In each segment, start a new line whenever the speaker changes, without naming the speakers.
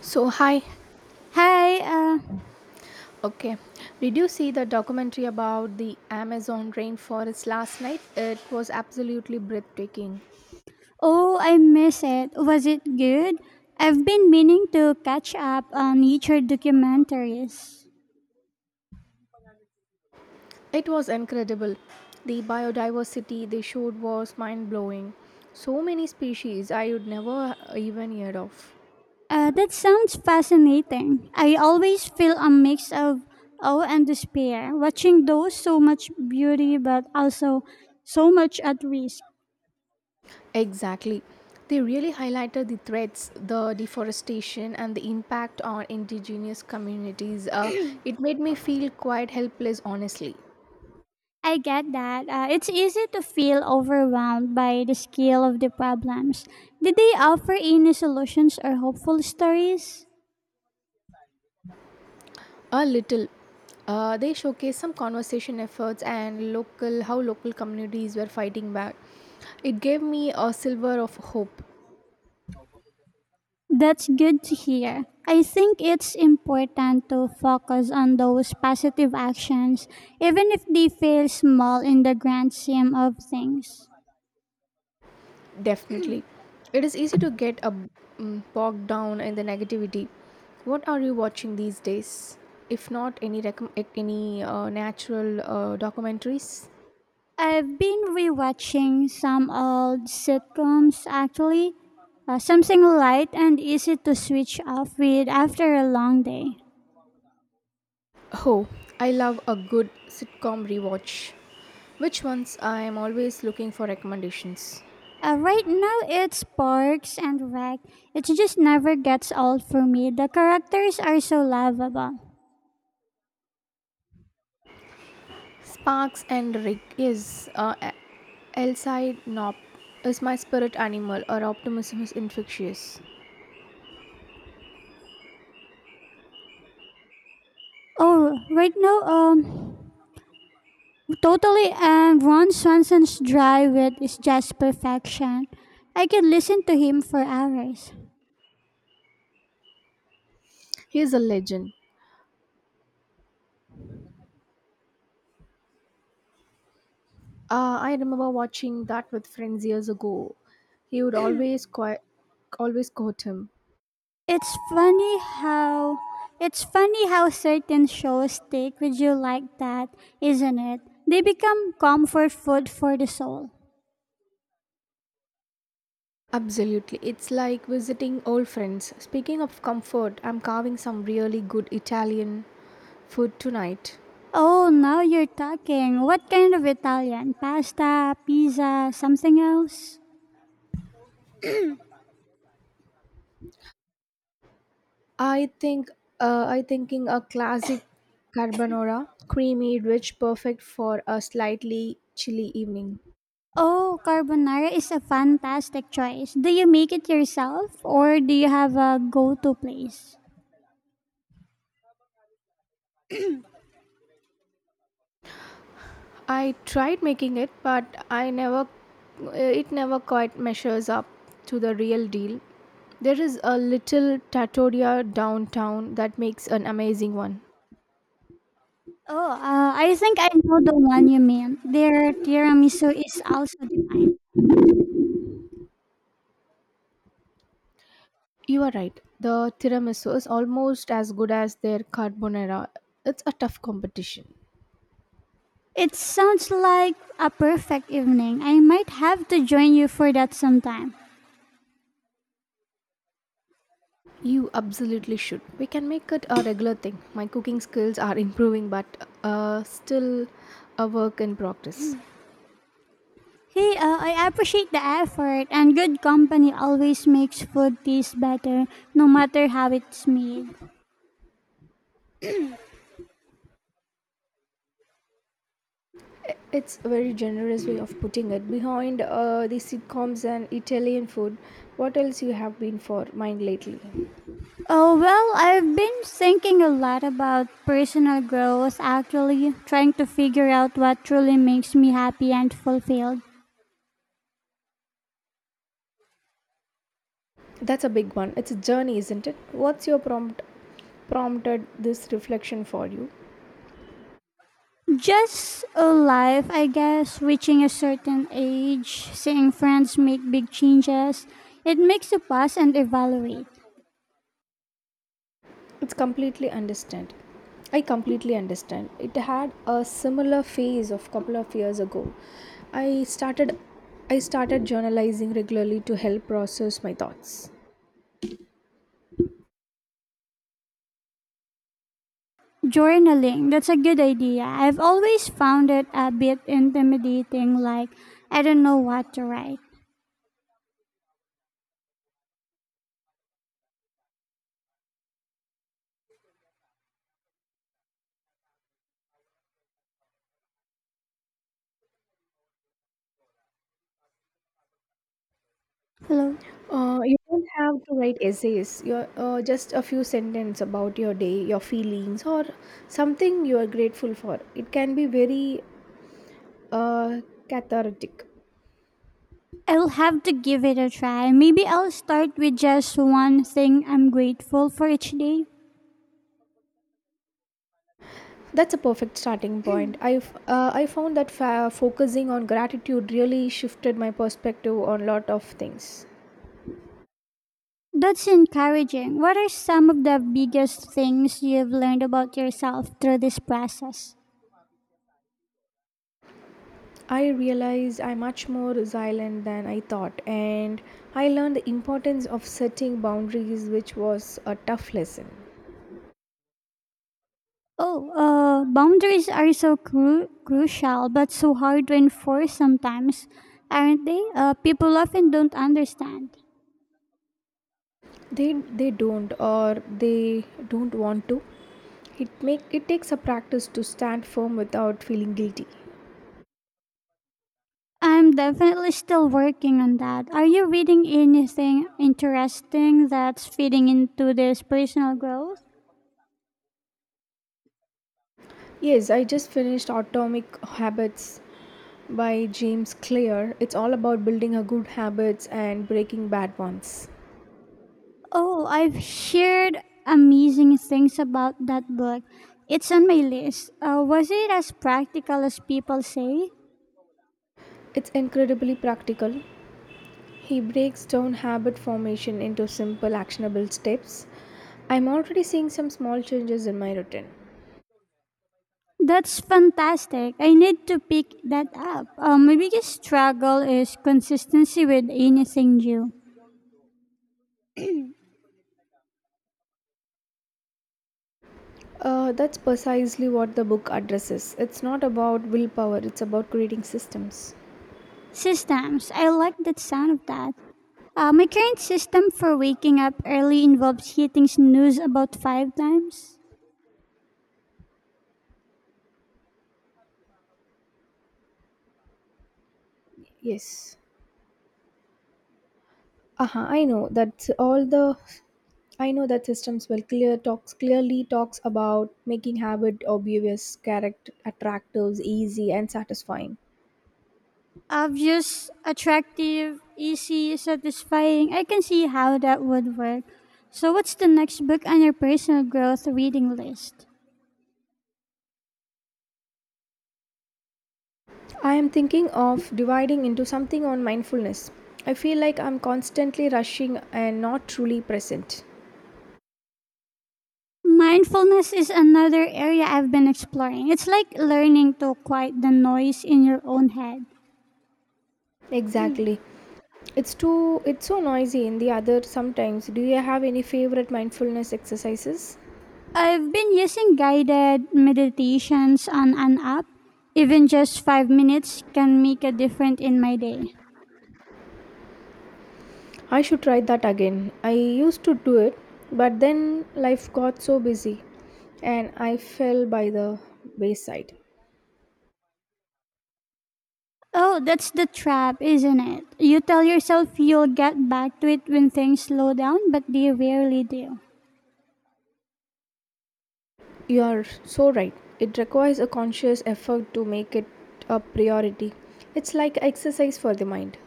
So, hi.
Hi,
Okay. Did you see the documentary about the Amazon rainforest last night? It was absolutely breathtaking.
oh, I miss it. Was it good? I've been meaning to catch up on nature documentaries.
It was incredible. The biodiversity they showed was mind blowing. So many species I would never even heard of.
That sounds fascinating. I always feel a mix of awe and despair watching those, so much beauty but also so much at risk.
Exactly. They really highlighted the threats, the deforestation, and the impact on indigenous communities. It made me feel quite helpless, honestly.
I get that. It's easy to feel overwhelmed by the scale of the problems. Did they offer any solutions or hopeful stories?
A little. They showcase some conversation efforts and local how local communities were fighting back. It gave me a silver of hope.
That's good to hear. I think it's important to focus on those positive actions, even if they feel small in the grand scheme of things.
Definitely, it is easy to bogged down in the negativity. What are you watching these days? If not any any natural documentaries?
I've been rewatching some old sitcoms actually, something light and easy to switch off with after a long day.
Oh, I love a good sitcom rewatch. Which ones? I am always looking for recommendations.
Right now, it's Parks and Rec. It just never gets old for me. The characters are so lovable.
Sparks and Rig is Elside Nop is my spirit animal or optimism is infectious.
Oh, right now, totally, and Ron Swanson's dry wit is just perfection. I can listen to him for hours.
He is a legend. I remember watching that with friends years ago. He would always quote him.
It's funny how it's funny how certain shows stick with you like that, isn't it? They become comfort food for the soul.
Absolutely. It's like visiting old friends. Speaking of comfort, I'm carving some really good Italian food tonight.
Oh, now you're talking. What kind of Italian? Pasta, pizza, something else?
I think I thinking a classic carbonara, creamy, rich, perfect for a slightly chilly evening.
Oh, carbonara is a fantastic choice. Do you make it yourself or do you have a go-to place?
I tried making it, but I never it never quite measures up to the real deal. There is a little trattoria downtown that makes an amazing one.
Oh, I think I know the one you mean. Their tiramisu is also divine.
You are right. The tiramisu is almost as good as their carbonara. It's a tough competition.
It sounds like a perfect evening. I might have to join you for that sometime.
You absolutely should. We can make it a regular thing. My cooking skills are improving, but still a work in progress.
Hey, I appreciate the effort, and good company always makes food taste better, no matter how it's made.
It's a very generous way of putting it. Behind the sitcoms and Italian food, what else you have been for mind lately?
Oh, well, I've been thinking a lot about personal growth, actually, trying to figure out what truly makes me happy and fulfilled.
That's a big one. It's a journey, isn't it? What's your prompt prompted this reflection for you?
Just a life, I guess, reaching a certain age, seeing friends make big changes. It makes you pause and evaluate.
It's completely understand. I completely understand. It had a similar phase of couple of years ago. I started I started journalizing regularly to help process my thoughts.
Journaling, that's a good idea. I've always found it a bit intimidating, like I don't know what to write. Hello?
You don't have to write essays. You're just a few sentences about your day, your feelings, or something you are grateful for. It can be very uh, cathartic.
I'll have to give it a try. Maybe I'll start with just one thing I'm grateful for each day.
That's a perfect starting point. I found that focusing on gratitude really shifted my perspective on a lot of things.
That's encouraging. What are some of the biggest things you've learned about yourself through this process?
I realized I'm much more resilient than I thought, and I learned the importance of setting boundaries, which was a tough lesson.
Oh, boundaries are so crucial but so hard to enforce sometimes, aren't they? People often don't understand.
They they don't, or they don't want to. It takes a practice to stand firm without feeling guilty.
I'm definitely still working on that. Are you reading anything interesting that's feeding into this personal growth?
Yes, I just finished Atomic Habits by James Clear. It's all about building a good habits and breaking bad ones.
Oh, I've heard amazing things about that book. It's on my list. Was it as practical as people say?
It's incredibly practical. He breaks down habit formation into simple actionable steps. I'm already seeing some small changes in my routine.
That's fantastic. I need to pick that up. My biggest struggle is consistency with anything new.
That's precisely what the book addresses. It's not about willpower, it's about creating systems.
Systems. I like that sound of that. My current system for waking up early involves hitting snooze about five times.
Yes, uh-huh, I know that systems will clear talks clearly talks about making habit obvious character attractive easy and satisfying.
Obvious, attractive, easy, satisfying. I can see how that would work. So, what's the next book on your personal growth reading list?
I am thinking of dividing into something on mindfulness. I feel like I'm constantly rushing and not truly present.
Mindfulness is another area I've been exploring. It's like learning to quiet the noise in your own head.
Exactly. It's so noisy in the other sometimes. Do you have any favorite mindfulness exercises?
I've been using guided meditations on an app. Even just 5 minutes can make a difference in my day.
I should try that again. I used to do it, but then life got so busy and I fell by the wayside.
Oh, that's the trap, isn't it? You tell yourself you'll get back to it when things slow down, but they rarely do.
You are so right. It requires a conscious effort to make it a priority. It's like exercise for the mind.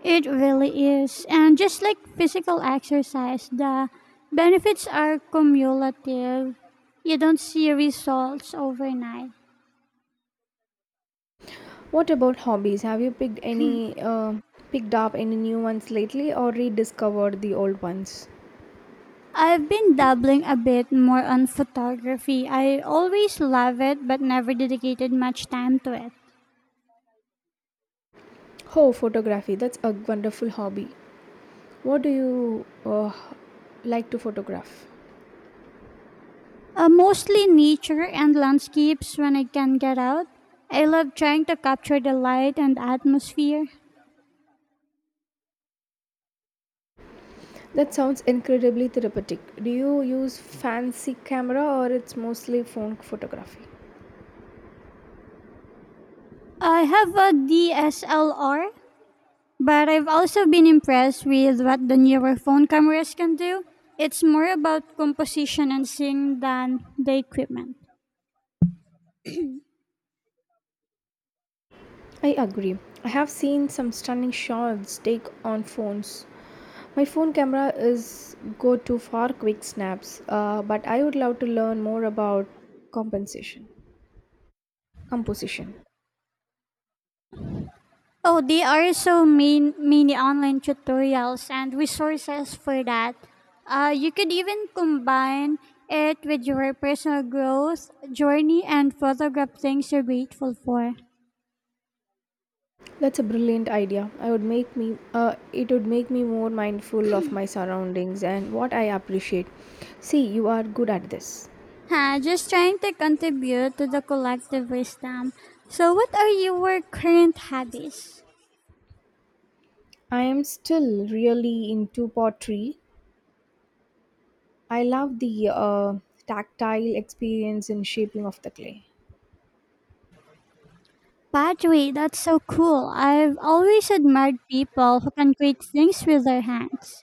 It really is. And just like physical exercise, the benefits are cumulative. You don't see results overnight.
What about hobbies? Have you picked up any new ones lately or rediscovered the old ones?
I've been dabbling a bit more on photography. I always love it, but never dedicated much time to it.
Oh, photography. That's a wonderful hobby. What do you like to photograph?
Mostly nature and landscapes when I can get out. I love trying to capture the light and atmosphere.
That sounds incredibly therapeutic. Do you use fancy camera or it's mostly phone photography?
I have a DSLR, but I've also been impressed with what the newer phone cameras can do. It's more about composition and seeing than the equipment.
I agree. I have seen some stunning shots take on phones. My phone camera is go to for quick snaps, but I would love to learn more about compensation composition.
Oh, there are so many online tutorials and resources for that. You could even combine it with your personal growth journey and photograph things you're grateful for.
That's a brilliant idea. I would make me It would make me more mindful of my surroundings and what I appreciate. See, you are good at this.
Huh, just trying to contribute to the collective wisdom. So, what are your current hobbies?
I am still really into pottery. I love the tactile experience in shaping of the clay.
Pottery, that's so cool. I've always admired people who can create things with their hands.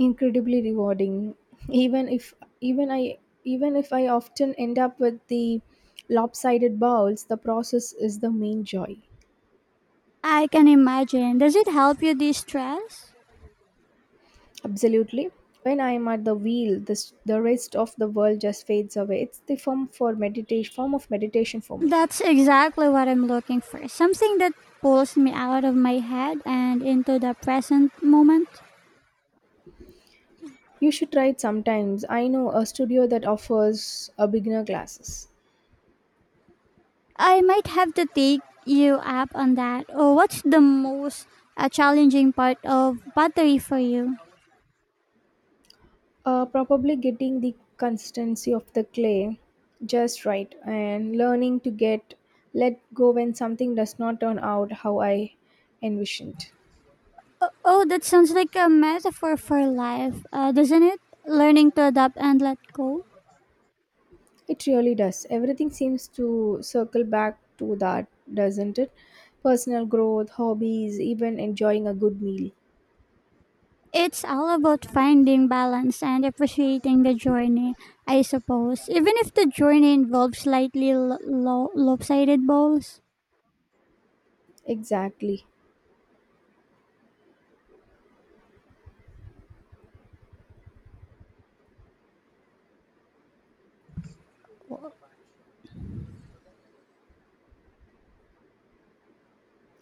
Incredibly rewarding, even if even I even if I often end up with the lopsided bowls. The process is the main joy.
I can imagine. Does it help you de stress?
Absolutely. When I am at the wheel, this, the rest of the world just fades away. It's the form of meditation for me.
That's exactly what I'm looking for. Something that pulls me out of my head and into the present moment.
You should try it sometimes. I know a studio that offers a beginner classes.
I might have to take you up on that. Oh, what's the most challenging part of pottery for you?
Probably getting the consistency of the clay just right and learning to get let go when something does not turn out how I envisioned.
Oh, that sounds like a metaphor for life, doesn't it? Learning to adapt and let go.
It really does. Everything seems to circle back to that, doesn't it? Personal growth, hobbies, even enjoying a good meal.
It's all about finding balance and appreciating the journey, I suppose. Even if the journey involves slightly lopsided balls.
Exactly.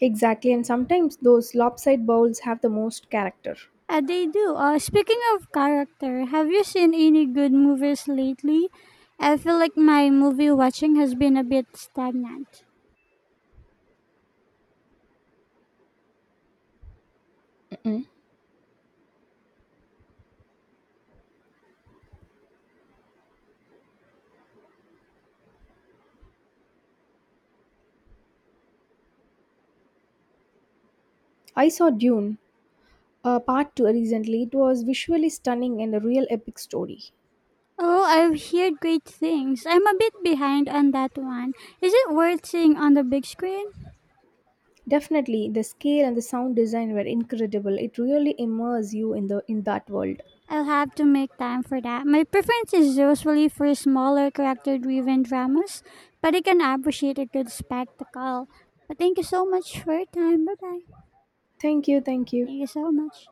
Exactly. And sometimes those lopsided bowls have the most character.
They do. Speaking of character, have you seen any good movies lately? I feel like my movie watching has been a bit stagnant.
Mm-mm. I saw Dune, part 2 recently. It was visually stunning and a real epic story.
Oh, I've heard great things. I'm a bit behind on that one. Is it worth seeing on the big screen?
Definitely, the scale and the sound design were incredible. It really immerses you in the in that world.
I'll have to make time for that. My preference is usually for smaller character driven dramas, but I can appreciate a good spectacle. But thank you so much for your time. Bye bye.
Thank you, thank you.
Thank you so much.